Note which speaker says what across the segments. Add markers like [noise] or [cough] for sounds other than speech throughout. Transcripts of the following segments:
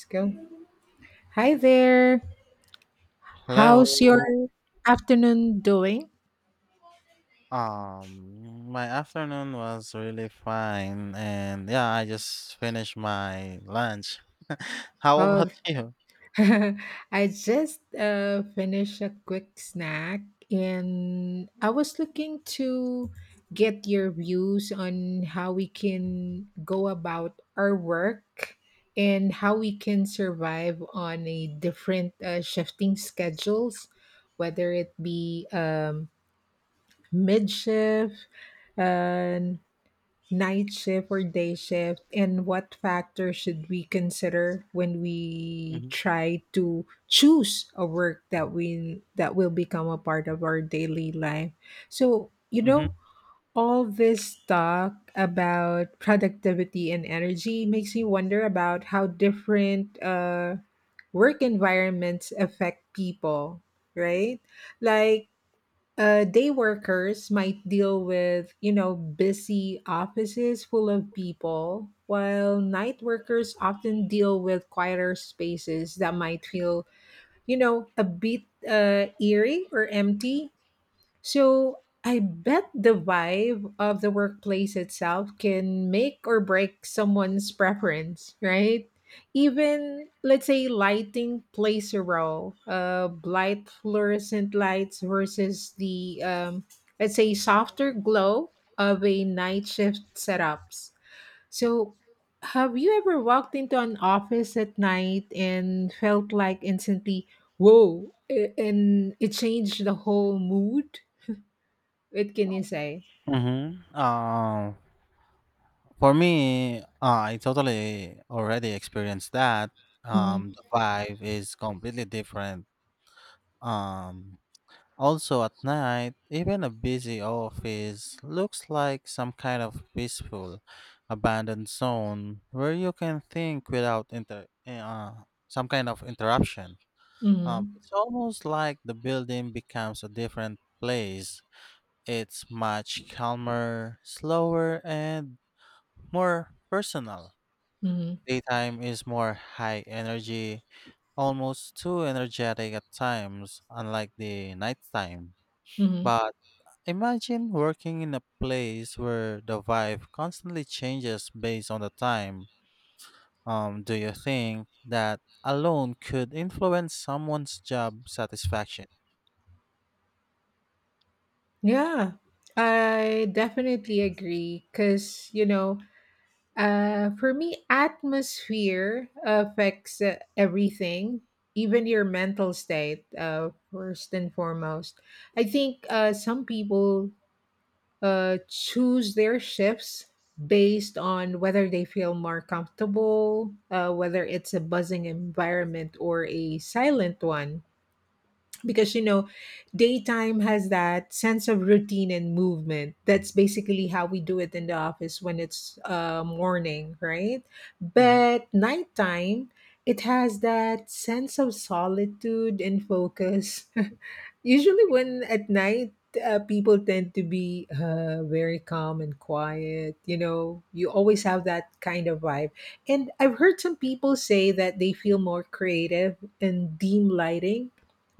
Speaker 1: Let's go. Hi there. How's your
Speaker 2: Hello.
Speaker 1: afternoon doing?
Speaker 2: My afternoon was really fine, and yeah, I just finished my lunch. [laughs] How about
Speaker 1: Oh,
Speaker 2: you?
Speaker 1: [laughs] I just finished a quick snack and I was looking to get your views on how we can go about our work and how we can survive on a different shifting schedules, whether it be mid shift, uh, night shift or day shift, and what factors should we consider when we
Speaker 2: Mm-hmm.
Speaker 1: try to choose a work that will become a part of our daily life. so you
Speaker 2: Mm-hmm.
Speaker 1: know all this talk about productivity and energy makes me wonder about how different work environments affect people, right? Like day workers might deal with busy offices full of people, while night workers often deal with quieter spaces that might feel a bit eerie or empty. So I bet the vibe of the workplace itself can make or break someone's preference, right? Even, let's say, lighting plays a role. Light fluorescent lights versus the, let's say, softer glow of a night shift setups. So, have you ever walked into an office at night and felt like instantly, whoa, and it changed the whole mood? What can you say?
Speaker 2: Mm-hmm. For me, I totally already experienced that.
Speaker 1: Mhm,
Speaker 2: The vibe is completely different. Um, Also, at night, even a busy office looks like some kind of peaceful, abandoned zone where you can think without some kind of interruption.
Speaker 1: mhm,
Speaker 2: It's almost like the building becomes a different place. It's much calmer, slower, and more personal.
Speaker 1: mhm,
Speaker 2: Daytime is more high energy, almost too energetic at times, unlike the nighttime.
Speaker 1: mhm.
Speaker 2: But imagine working in a place where the vibe constantly changes based on the time. Do you think that alone could influence someone's job satisfaction?
Speaker 1: Yeah, I definitely agree. Because, for me, atmosphere affects everything, even your mental state, first and foremost. I think some people choose their shifts based on whether they feel more comfortable, whether it's a buzzing environment or a silent one. Because daytime has that sense of routine and movement. That's basically how we do it in the office when it's morning, right?
Speaker 2: Hmm.
Speaker 1: But nighttime, it has that sense of solitude and focus. [laughs] Usually when at night, people tend to be very calm and quiet. You always have that kind of vibe. And I've heard some people say that they feel more creative in dim lighting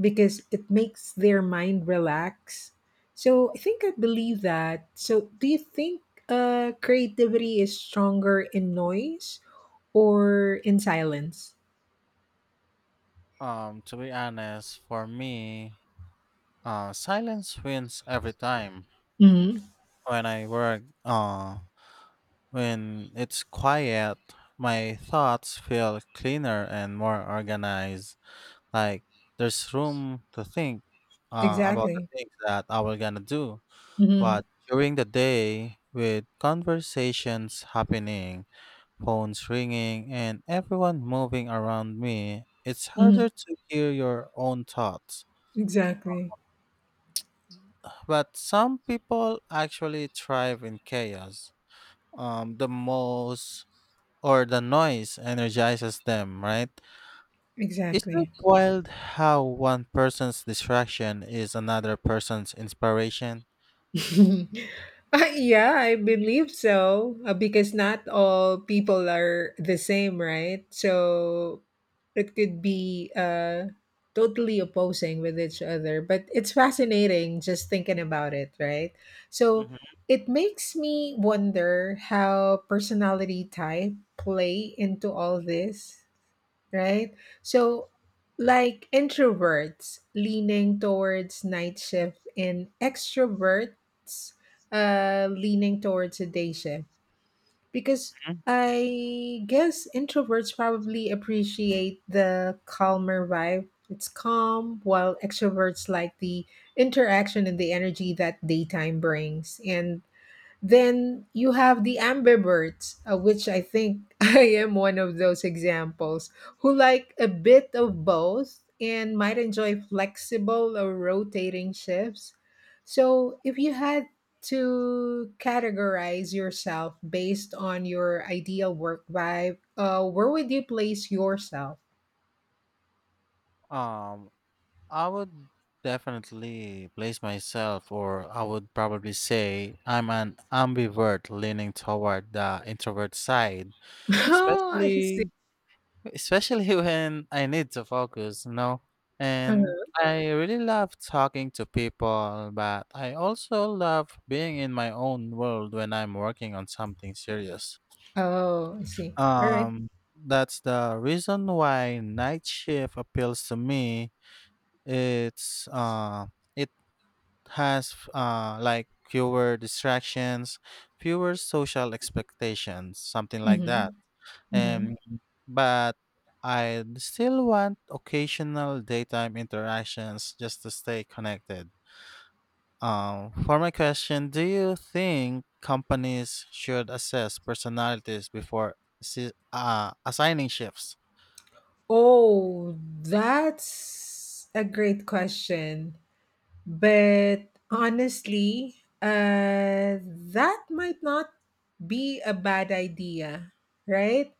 Speaker 1: because it makes their mind relax. So I think I believe that. So do you think creativity is stronger in noise or in silence?
Speaker 2: To be honest, for me, silence wins every time.
Speaker 1: Hmm.
Speaker 2: When I work, when it's quiet, my thoughts feel cleaner and more organized. Like there's room to think about the
Speaker 1: Exactly.
Speaker 2: things that I was gonna do.
Speaker 1: Hmm.
Speaker 2: But during the day, with conversations happening, phones ringing, and everyone moving around me, it's harder
Speaker 1: Hmm.
Speaker 2: to hear your own thoughts.
Speaker 1: Exactly.
Speaker 2: But some people actually thrive in chaos. The most or the noise energizes them, right? Isn't it
Speaker 1: Exactly.
Speaker 2: wild how one person's distraction is another person's inspiration?
Speaker 1: [laughs] [laughs] Yeah, I believe so, because not all people are the same, right? So it could be totally opposing with each other, but it's fascinating just thinking about it, right? So
Speaker 2: Hmm.
Speaker 1: it makes me wonder how personality type play into all this, right? So, like introverts leaning towards night shift and extroverts leaning towards a day shift. Because I guess introverts probably appreciate the calmer vibe. It's calm, while extroverts like the interaction and the energy that daytime brings. And then you have the ambiverts, which I think [laughs] I am one of those examples, who like a bit of both and might enjoy flexible or rotating shifts. So, if you had to categorize yourself based on your ideal work vibe, where would you place yourself?
Speaker 2: Um, I would definitely place myself, or I would probably say I'm an ambivert leaning toward the introvert side,
Speaker 1: [laughs] Oh, I see.
Speaker 2: especially especially [laughs] when I need to focus, you know. And
Speaker 1: Uh-huh.
Speaker 2: I really love talking to people, but I also love being in my own world when I'm working on something serious.
Speaker 1: Oh, I see. All right.
Speaker 2: Um, that's the reason why night shift appeals to me. It's uh, it has like fewer distractions, fewer social expectations, something like
Speaker 1: Mm-hmm.
Speaker 2: that.
Speaker 1: Mm-hmm.
Speaker 2: Um, but I still want occasional daytime interactions just to stay connected. For my question, do you think companies should assess personalities before assigning shifts?
Speaker 1: Oh, that's a great question. But honestly, uh, that might not be a bad idea, right?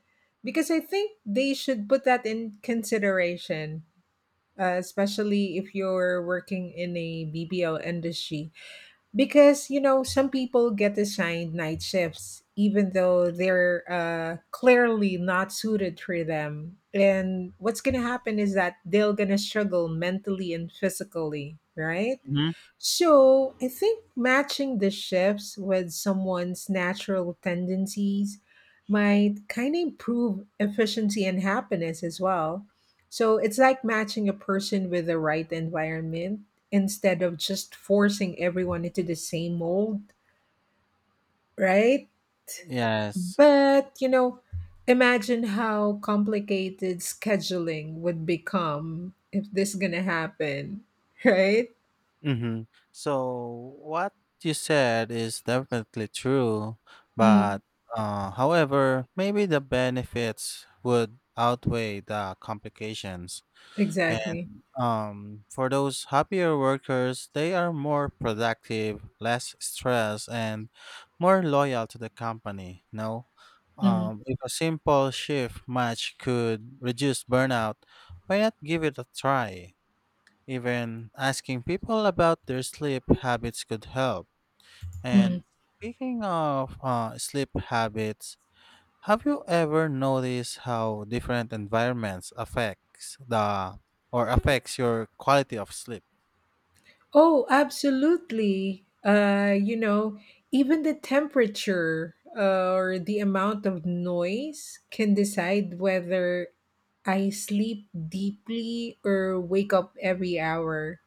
Speaker 1: Because I think they should put that in consideration, especially if you're working in a BPO industry. Because some people get assigned night shifts even though they're clearly not suited for them, and what's gonna happen is that they're gonna struggle mentally and physically, right?
Speaker 2: Mhm.
Speaker 1: So I think matching the shifts with someone's natural tendencies might kind of improve efficiency and happiness as well. So it's like matching a person with the right environment instead of just forcing everyone into the same mold, right?
Speaker 2: Yes.
Speaker 1: But imagine how complicated scheduling would become if this going to happen, [laughs] right?
Speaker 2: Mhm. So what you said is definitely true,
Speaker 1: Mm,
Speaker 2: but however, maybe the benefits would outweigh the complications.
Speaker 1: exactly.
Speaker 2: And for those happier workers, they are more productive, less stressed, and more loyal to the company. You know,
Speaker 1: Mm,
Speaker 2: if a simple shift match could reduce burnout, why not give it a try? Even asking people about their sleep habits could help. And
Speaker 1: mm.
Speaker 2: speaking of sleep habits, have you ever noticed how different environments affects the or affects your quality of sleep?
Speaker 1: Oh, absolutely. Even the temperature or the amount of noise can decide whether I sleep deeply or wake up every hour.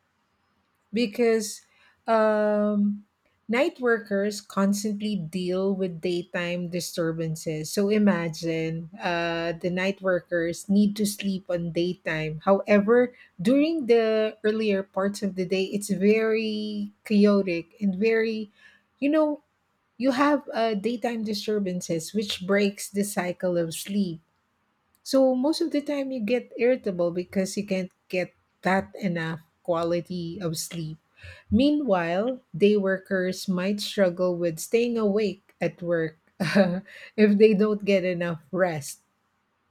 Speaker 1: Because um, night workers constantly deal with daytime disturbances. So imagine the night workers need to sleep on daytime. However, during the earlier parts of the day, it's very chaotic and very, you know, you have daytime disturbances, which breaks the cycle of sleep. So most of the time you get irritable because you can't get that enough quality of sleep. Meanwhile, day workers might struggle with staying awake at work [laughs] if they don't get enough rest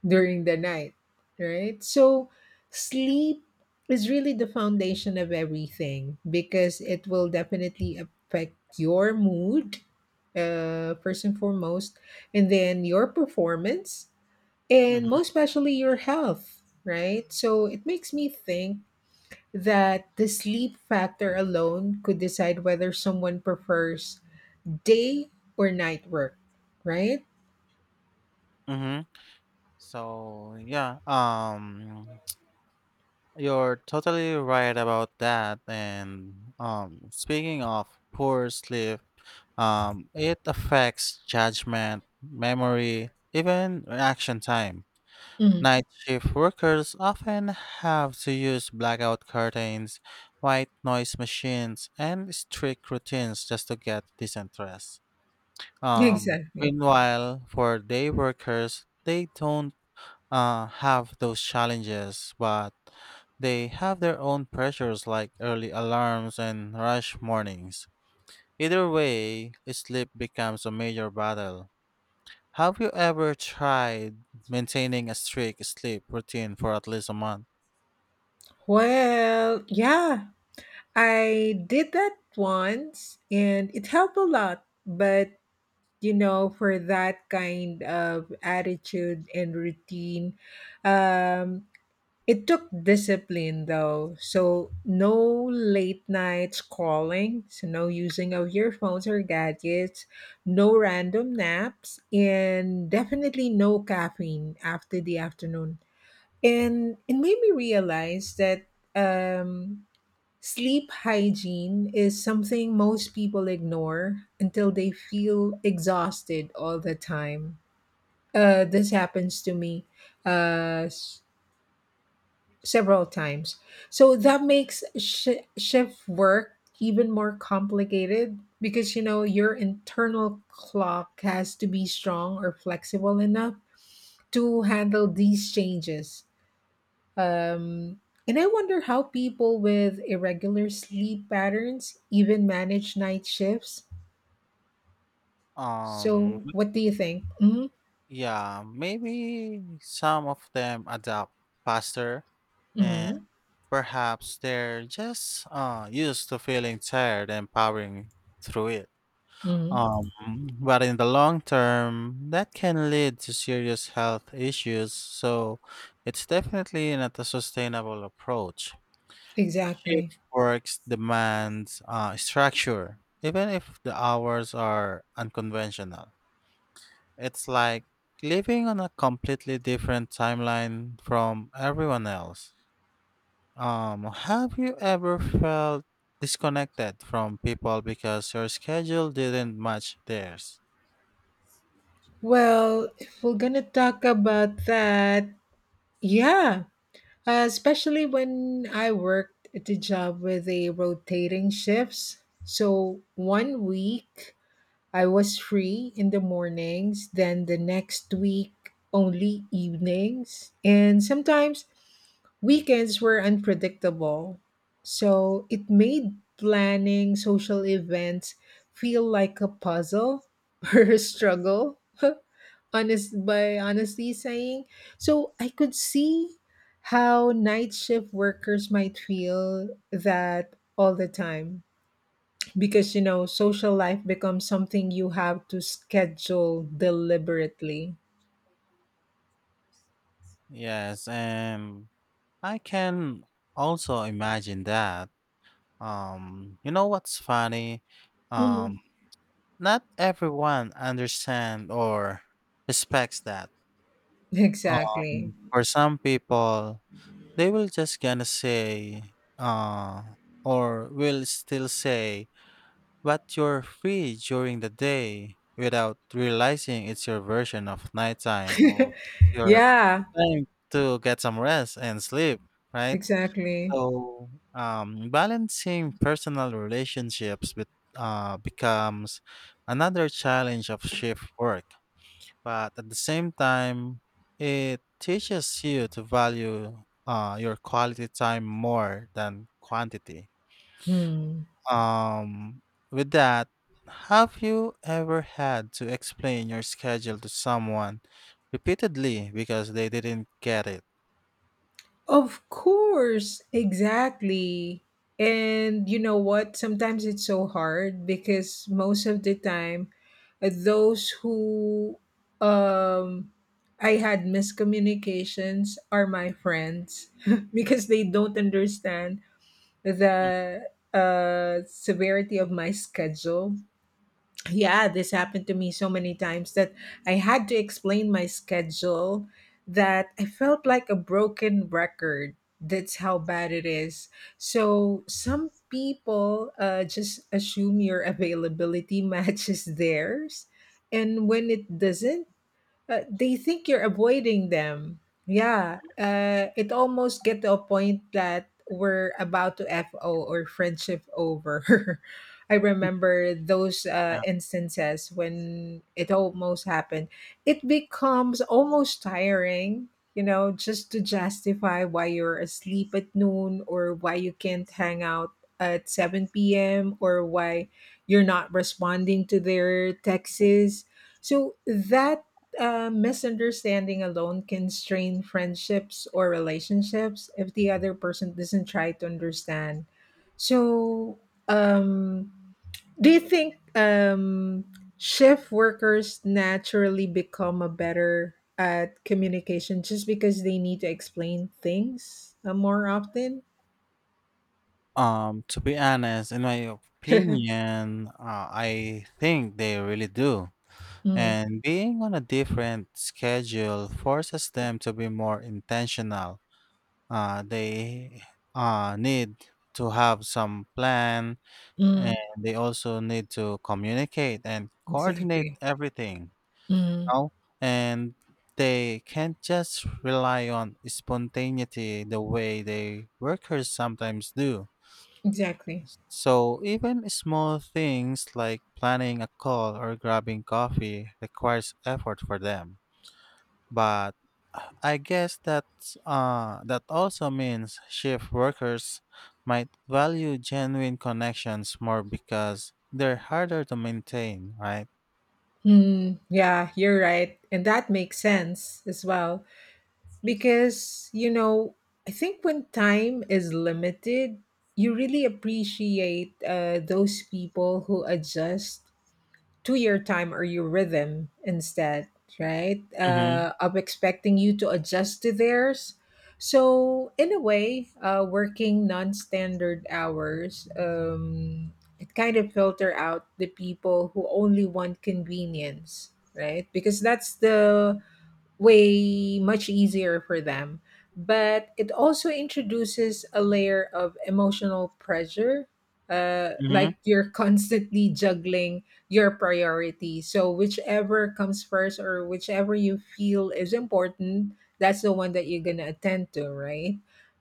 Speaker 1: during the night, right? So sleep is really the foundation of everything because it will definitely affect your mood, first and foremost, and then your performance and
Speaker 2: Mm-hmm.
Speaker 1: most especially your health, right? So it makes me think that the sleep factor alone could decide whether someone prefers day or night work, right?
Speaker 2: Mm-hmm. So yeah, you're totally right about that. And speaking of poor sleep, um, it affects judgment, memory, even reaction time.
Speaker 1: Mm,
Speaker 2: Night shift workers often have to use blackout curtains, white noise machines, and strict routines just to get decent rest.
Speaker 1: [laughs] exactly.
Speaker 2: Meanwhile, for day workers, they don't have those challenges, but they have their own pressures like early alarms and rush mornings. Either way, sleep becomes a major battle. Have you ever tried maintaining a strict sleep routine for at least a month?
Speaker 1: Well, yeah, I did that once and it helped a lot, but for that kind of attitude and routine, um, it took discipline though. So no late nights calling, so no using of your phones or gadgets, no random naps, and definitely no caffeine after the afternoon. And it made me realize that um, sleep hygiene is something most people ignore until they feel exhausted all the time. This happens to me. Uh, several times. So that makes shift work even more complicated because your internal clock has to be strong or flexible enough to handle these changes. Um, and I wonder how people with irregular sleep patterns even manage night shifts.
Speaker 2: Um,
Speaker 1: So, what do you think? Hmm.
Speaker 2: yeah, maybe some of them adapt faster and
Speaker 1: Hmm.
Speaker 2: perhaps they're just used to feeling tired and powering through it.
Speaker 1: Hmm.
Speaker 2: Um, but in the long term, that can lead to serious health issues, so it's definitely not a sustainable approach.
Speaker 1: Exactly.
Speaker 2: Shift works demands structure, even if the hours are unconventional. It's like living on a completely different timeline from everyone else. Have you ever felt disconnected from people because your schedule didn't match theirs?
Speaker 1: Well, if we're gonna talk about that, yeah. Especially when I worked at the job with a rotating shifts. So one week I was free in the mornings, then the next week only evenings. And sometimes weekends were unpredictable. So it made planning social events feel like a puzzle [laughs] or a struggle. [laughs] Honestly saying. So I could see how night shift workers might feel that all the time because social life becomes something you have to schedule deliberately.
Speaker 2: Yes, and I can also imagine that. You know what's funny? Um,
Speaker 1: Hmm.
Speaker 2: Not everyone understand or respects that.
Speaker 1: Exactly.
Speaker 2: For some people, they will just gonna say, or will still say, but you're free during the day without realizing it's your version of nighttime or it's
Speaker 1: [laughs]
Speaker 2: your
Speaker 1: Yeah,
Speaker 2: time to get some rest and sleep, right?
Speaker 1: exactly.
Speaker 2: So, balancing personal relationships with, becomes another challenge of shift work, but at the same time it teaches you to value your quality time more than quantity.
Speaker 1: Hmm.
Speaker 2: Um, with that, have you ever had to explain your schedule to someone repeatedly because they didn't get it?
Speaker 1: Of course, exactly. And you know what, sometimes it's so hard because most of the time, those who um I had miscommunications are my friends [laughs] because they don't understand the severity of my schedule. Yeah, this happened to me so many times that I had to explain my schedule, that I felt like a broken record. That's how bad it is. So some people just assume your availability [laughs] matches theirs. And when it doesn't, they think you're avoiding them. Yeah, it almost get to a point that we're about to FO, or friendship over. [laughs] I remember those
Speaker 2: Yeah.
Speaker 1: instances when it almost happened. It becomes almost tiring, just to justify why you're asleep at noon or why you can't hang out at 7 p.m. or why you're not responding to their texts. So that a misunderstanding alone can strain friendships or relationships if the other person doesn't try to understand. So, um, do you think shift workers naturally become a better at communication just because they need to explain things more often?
Speaker 2: Um, to be honest in my
Speaker 1: [laughs]
Speaker 2: opinion, I think they really do,
Speaker 1: Mm,
Speaker 2: and being on a different schedule forces them to be more intentional. Uh, they need to have some plan and
Speaker 1: mm,
Speaker 2: they also need to communicate and coordinate
Speaker 1: exactly.
Speaker 2: everything.
Speaker 1: Mm,
Speaker 2: You and They can't just rely on spontaneity the way the workers sometimes do,
Speaker 1: exactly.
Speaker 2: so even small things like planning a call or grabbing coffee requires effort for them. But I guess that also means shift workers might value genuine connections more because they're harder to maintain, right?
Speaker 1: Mm, yeah, you're right. And that makes sense as well. Because I think when time is limited, you really appreciate those people who adjust to your time or your rhythm instead, right,
Speaker 2: Mm-hmm.
Speaker 1: of expecting you to adjust to theirs. So in a way, working non-standard hours, it kind of filter out the people who only want convenience, right? Because that's the way much easier for them. But it also introduces a layer of emotional pressure,
Speaker 2: Mm-hmm.
Speaker 1: like you're [laughs] constantly juggling your priorities. So, whichever comes first or whichever you feel is important, that's the one that you're going to attend to, right?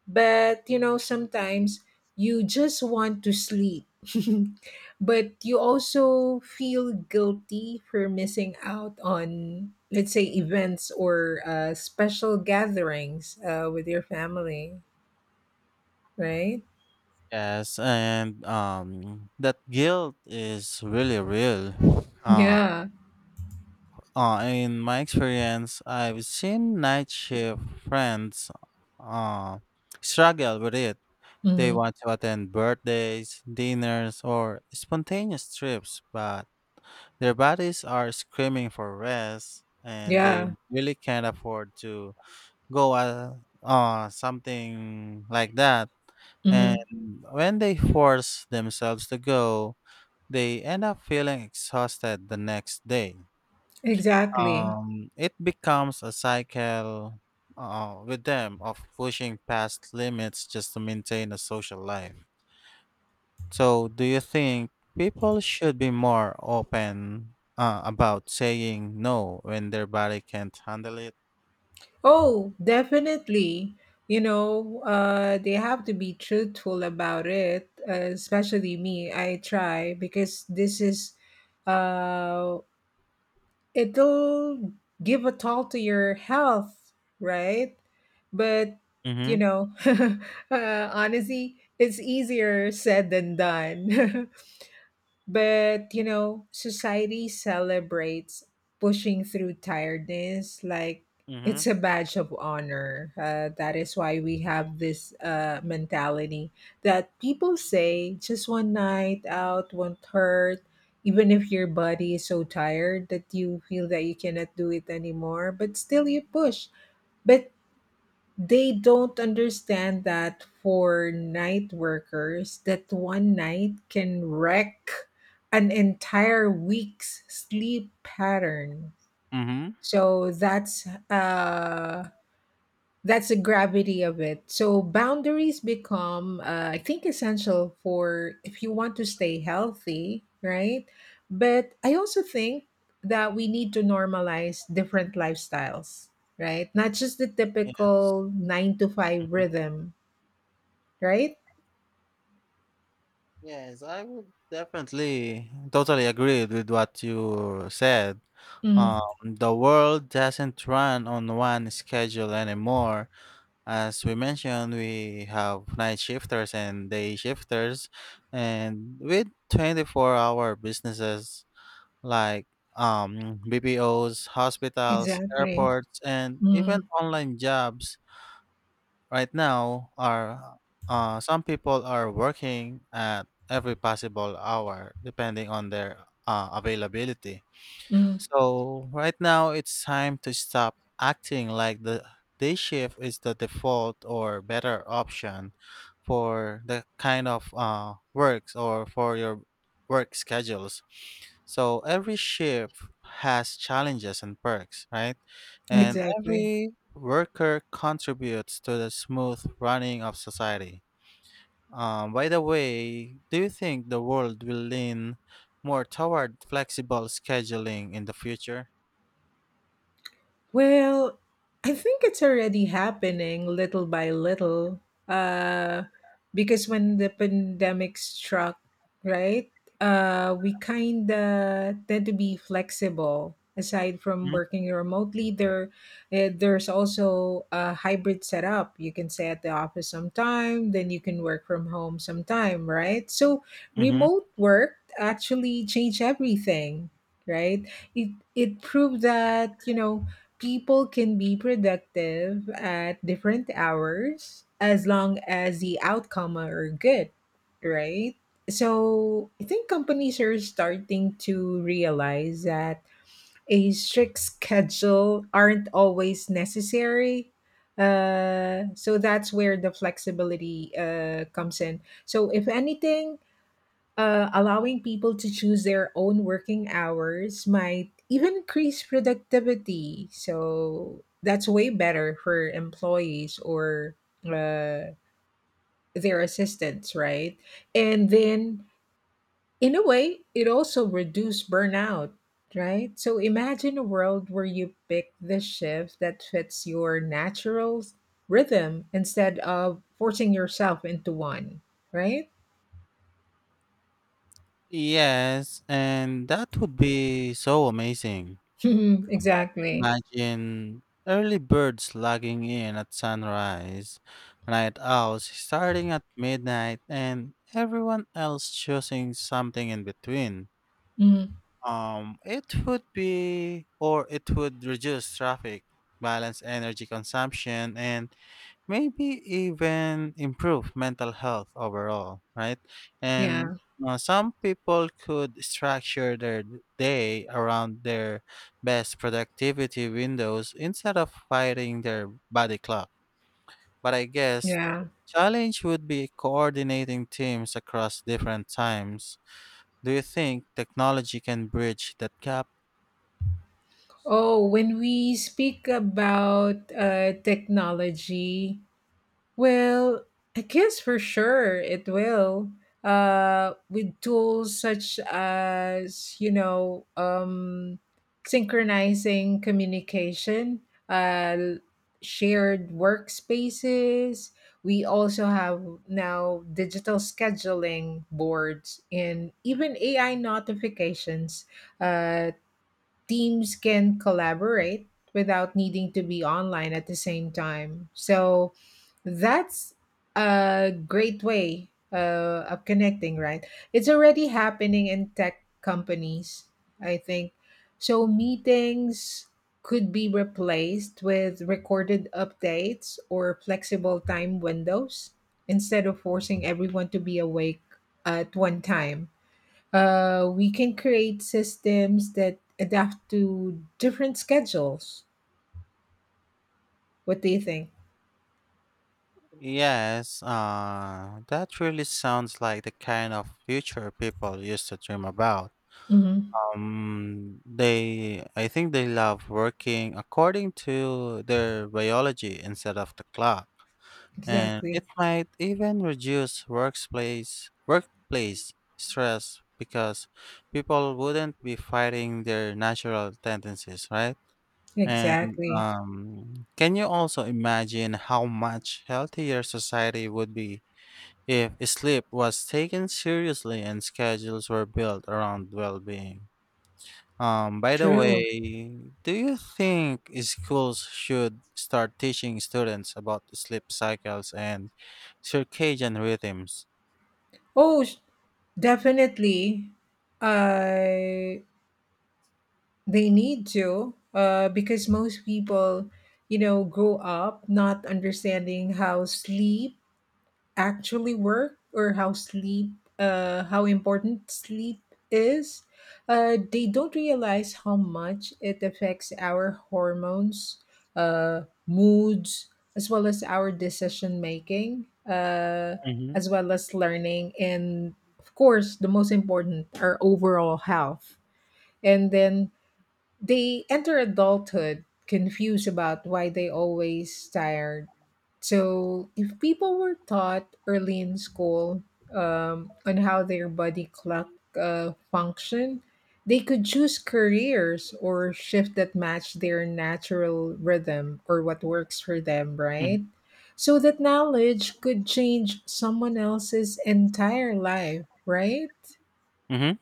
Speaker 1: But sometimes you just want to sleep. [laughs] But you also feel guilty for missing out on, let's say, events or special gatherings with your family, right?
Speaker 2: Yes, and that guilt is really real. Uh,
Speaker 1: Yeah.
Speaker 2: uh, in my experience, I've seen night shift friends uh struggle with it. They
Speaker 1: Hmm.
Speaker 2: want to attend birthdays, dinners, or spontaneous trips, but their bodies are screaming for rest and they
Speaker 1: Yeah.
Speaker 2: really can't afford to go, something like that. And
Speaker 1: Hmm.
Speaker 2: when they force themselves to go, they end up feeling exhausted the next day.
Speaker 1: Exactly.
Speaker 2: It becomes a cycle with them of pushing past limits just to maintain a social life. So, do you think people should be more open about saying no when their body can't handle it?
Speaker 1: Oh, definitely. They have to be truthful about it, especially me. I try because this is uh, it'll give a toll to your health, right? But you
Speaker 2: Mm-hmm.
Speaker 1: know, [laughs] honestly, it's easier said than done. [laughs] But society celebrates pushing through tiredness like
Speaker 2: Mm-hmm.
Speaker 1: it's a badge of honor. That is why we have this mentality that people say just one night out won't hurt, even if your body is so tired that you feel that you cannot do it anymore, but still you push. But they don't understand that for night workers that one night can wreck an entire week's sleep pattern,
Speaker 2: Mm-hmm.
Speaker 1: so that's the gravity of it. So boundaries become, I think, essential for if you want to stay healthy, right? But I also think that we need to normalize different lifestyles, right? Not just the
Speaker 2: Yes.
Speaker 1: typical 9 to 5
Speaker 2: Hmm.
Speaker 1: rhythm, right?
Speaker 2: Yes, I would definitely totally agree with what you said. Um,
Speaker 1: Mm,
Speaker 2: the world doesn't run on one schedule anymore. As we mentioned, we have night shifters and day shifters, and with 24-hour businesses like BPOs, hospitals,
Speaker 1: exactly.
Speaker 2: airports, and even
Speaker 1: Mm,
Speaker 2: online jobs right now are some people are working at every possible hour depending on their availability.
Speaker 1: mm,
Speaker 2: So right now it's time to stop acting like the day shift is the default or better option for the kind of works or for your work schedules. So every shift has challenges and perks, right? And
Speaker 1: exactly.
Speaker 2: every worker contributes to the smooth running of society. By the way, do you think the world will lean more toward flexible scheduling in the future?
Speaker 1: Well, I think it's already happening little by little. Uh, because when the pandemic struck, right, we kind of tend to be flexible. Aside from
Speaker 2: Mhm,
Speaker 1: working remotely, there there's also a hybrid setup. You can stay at the office sometime, then you can work from home sometime, right? So
Speaker 2: mhm.
Speaker 1: remote work actually changed everything, right? It proved that you know people can be productive at different hours as long as the outcome are good, right? So I think companies are starting to realize that a strict schedule aren't always necessary. So that's where the flexibility comes in. So if anything, allowing people to choose their own working hours might even increase productivity. So that's way better for employees or uh, their assistants, right? And then, in a way, it also reduces burnout, right? So imagine a world where you pick the shift that fits your natural rhythm instead of forcing yourself into one, right?
Speaker 2: Yes, and that would be so amazing.
Speaker 1: [laughs] Exactly.
Speaker 2: Imagine early birds logging in at sunrise, night owls starting at midnight, and everyone else choosing something in between.
Speaker 1: Mhm.
Speaker 2: It would reduce traffic, balance energy consumption, and maybe even improve mental health overall, right? And
Speaker 1: Yeah.
Speaker 2: some people could structure their day around their best productivity windows instead of fighting their body clock. But I guess
Speaker 1: Yeah.
Speaker 2: challenge would be coordinating teams across different times. Do you think technology can bridge that gap?
Speaker 1: Oh, when we speak about technology, well, I guess for sure it will. With tools such as, synchronizing communication, uh, shared workspaces. We also have now digital scheduling boards and even AI notifications. Uh, Teams can collaborate without needing to be online at the same time. So that's a great way of connecting, right? It's already happening in tech companies, I think. So meetings could be replaced with recorded updates or flexible time windows instead of forcing everyone to be awake at one time. We can create systems that adapt to different schedules. What do you think?
Speaker 2: Yes, that really sounds like the kind of future people used to dream about.
Speaker 1: Hmm.
Speaker 2: I think they love working according to their biology instead of the clock, and
Speaker 1: Exactly.
Speaker 2: it might even reduce workplace stress because people wouldn't be fighting their natural tendencies, right? And
Speaker 1: Exactly.
Speaker 2: can you also imagine how much healthier society would be if sleep was taken seriously and schedules were built around well-being? By the
Speaker 1: True.
Speaker 2: way, do you think schools should start teaching students about sleep cycles and circadian rhythms?
Speaker 1: Oh, sh- Definitely. Uh, they need to because most people, you know, grow up not understanding how sleep actually work or how sleep how important sleep is they don't realize how much it affects our hormones moods as well as our decision making
Speaker 2: Hmm.
Speaker 1: as well as learning and of course the most important our overall health and then they enter adulthood confused about why they always tired. So if people were taught early in school on how their body clock function, they could choose careers or shift that match their natural rhythm or what works for them,
Speaker 2: Hmm.
Speaker 1: right? So that knowledge could change someone else's entire life, right?
Speaker 2: Mm-hmm.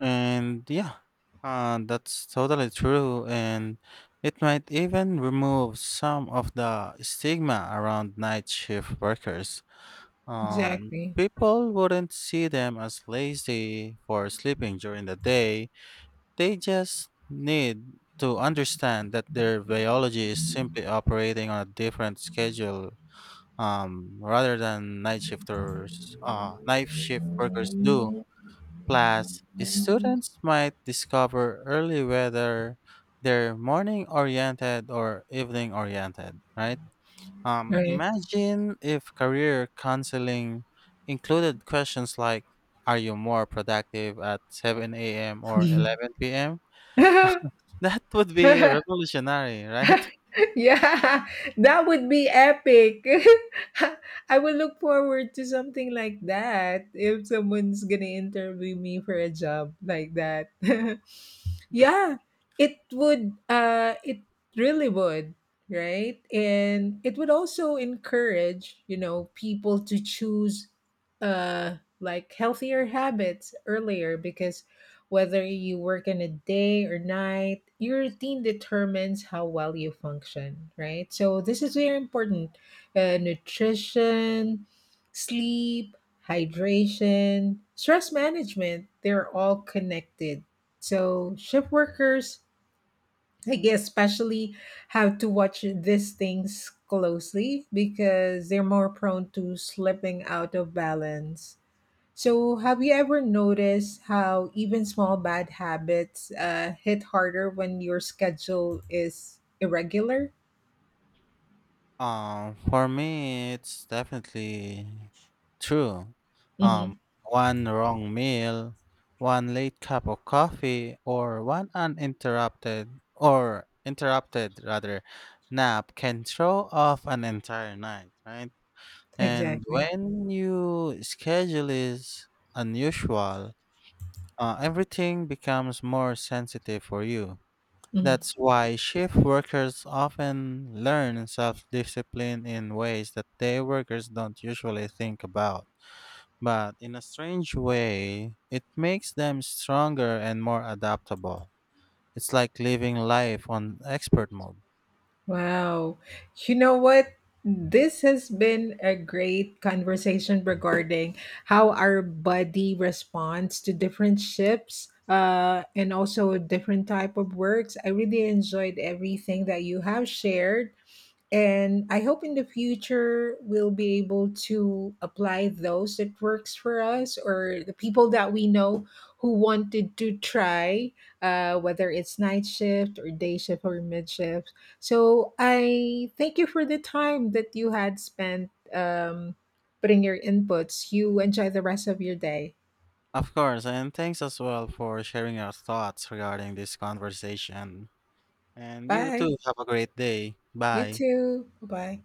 Speaker 2: And yeah, that's totally true. And it might even remove some of the stigma around night shift workers. Um,
Speaker 1: Exactly.
Speaker 2: people wouldn't see them as lazy for sleeping during the day. They just need to understand that their biology is simply operating on a different schedule, rather than night shift workers do. Plus, students might discover early whether they're morning oriented or evening oriented, right?
Speaker 1: Right.
Speaker 2: Imagine if career counseling included questions like, are you more productive at 7 a.m. or 11 p.m.? [laughs] That would be
Speaker 1: [laughs]
Speaker 2: revolutionary, right?
Speaker 1: Yeah, [laughs] that would be epic. [laughs] I will look forward to something like that if someone's gonna interview me for a job like that. [laughs] Yeah, it really would, right? And it would also encourage, you know, people to choose like healthier habits earlier because whether you work in a day or night, your routine determines how well you function, right? So this is very important. Nutrition, sleep, hydration, stress management, they're all connected so shift workers, I guess, especially have to watch these things closely because they're more prone to slipping out of balance. So, have you ever noticed how even small bad habits hit harder when your schedule is irregular?
Speaker 2: For me, it's definitely true. Um,
Speaker 1: Hmm.
Speaker 2: one wrong meal, one late cup of coffee, or one uninterrupted or interrupted rather nap can throw off an entire night, right? And
Speaker 1: Exactly.
Speaker 2: when you schedule is unusual, everything becomes more sensitive for you.
Speaker 1: Mhm.
Speaker 2: That's why shift workers often learn self discipline in ways that day workers don't usually think about. But in a strange way, it makes them stronger and more adaptable. It's like living life on expert mode.
Speaker 1: Wow. You know what? This has been a great conversation regarding how our body responds to different shifts and also different type of works. I really enjoyed everything that you have shared. And I hope in the future we'll be able to apply those that works for us or the people that we know who wanted to try, whether it's night shift or day shift or mid shift. So I thank you for the time that you had spent putting your inputs. You enjoy the rest of your day.
Speaker 2: Of course, and thanks as well for sharing your thoughts regarding this conversation. And you too,
Speaker 1: Bye.
Speaker 2: have a great day.
Speaker 1: You
Speaker 2: Bye.
Speaker 1: too. Bye.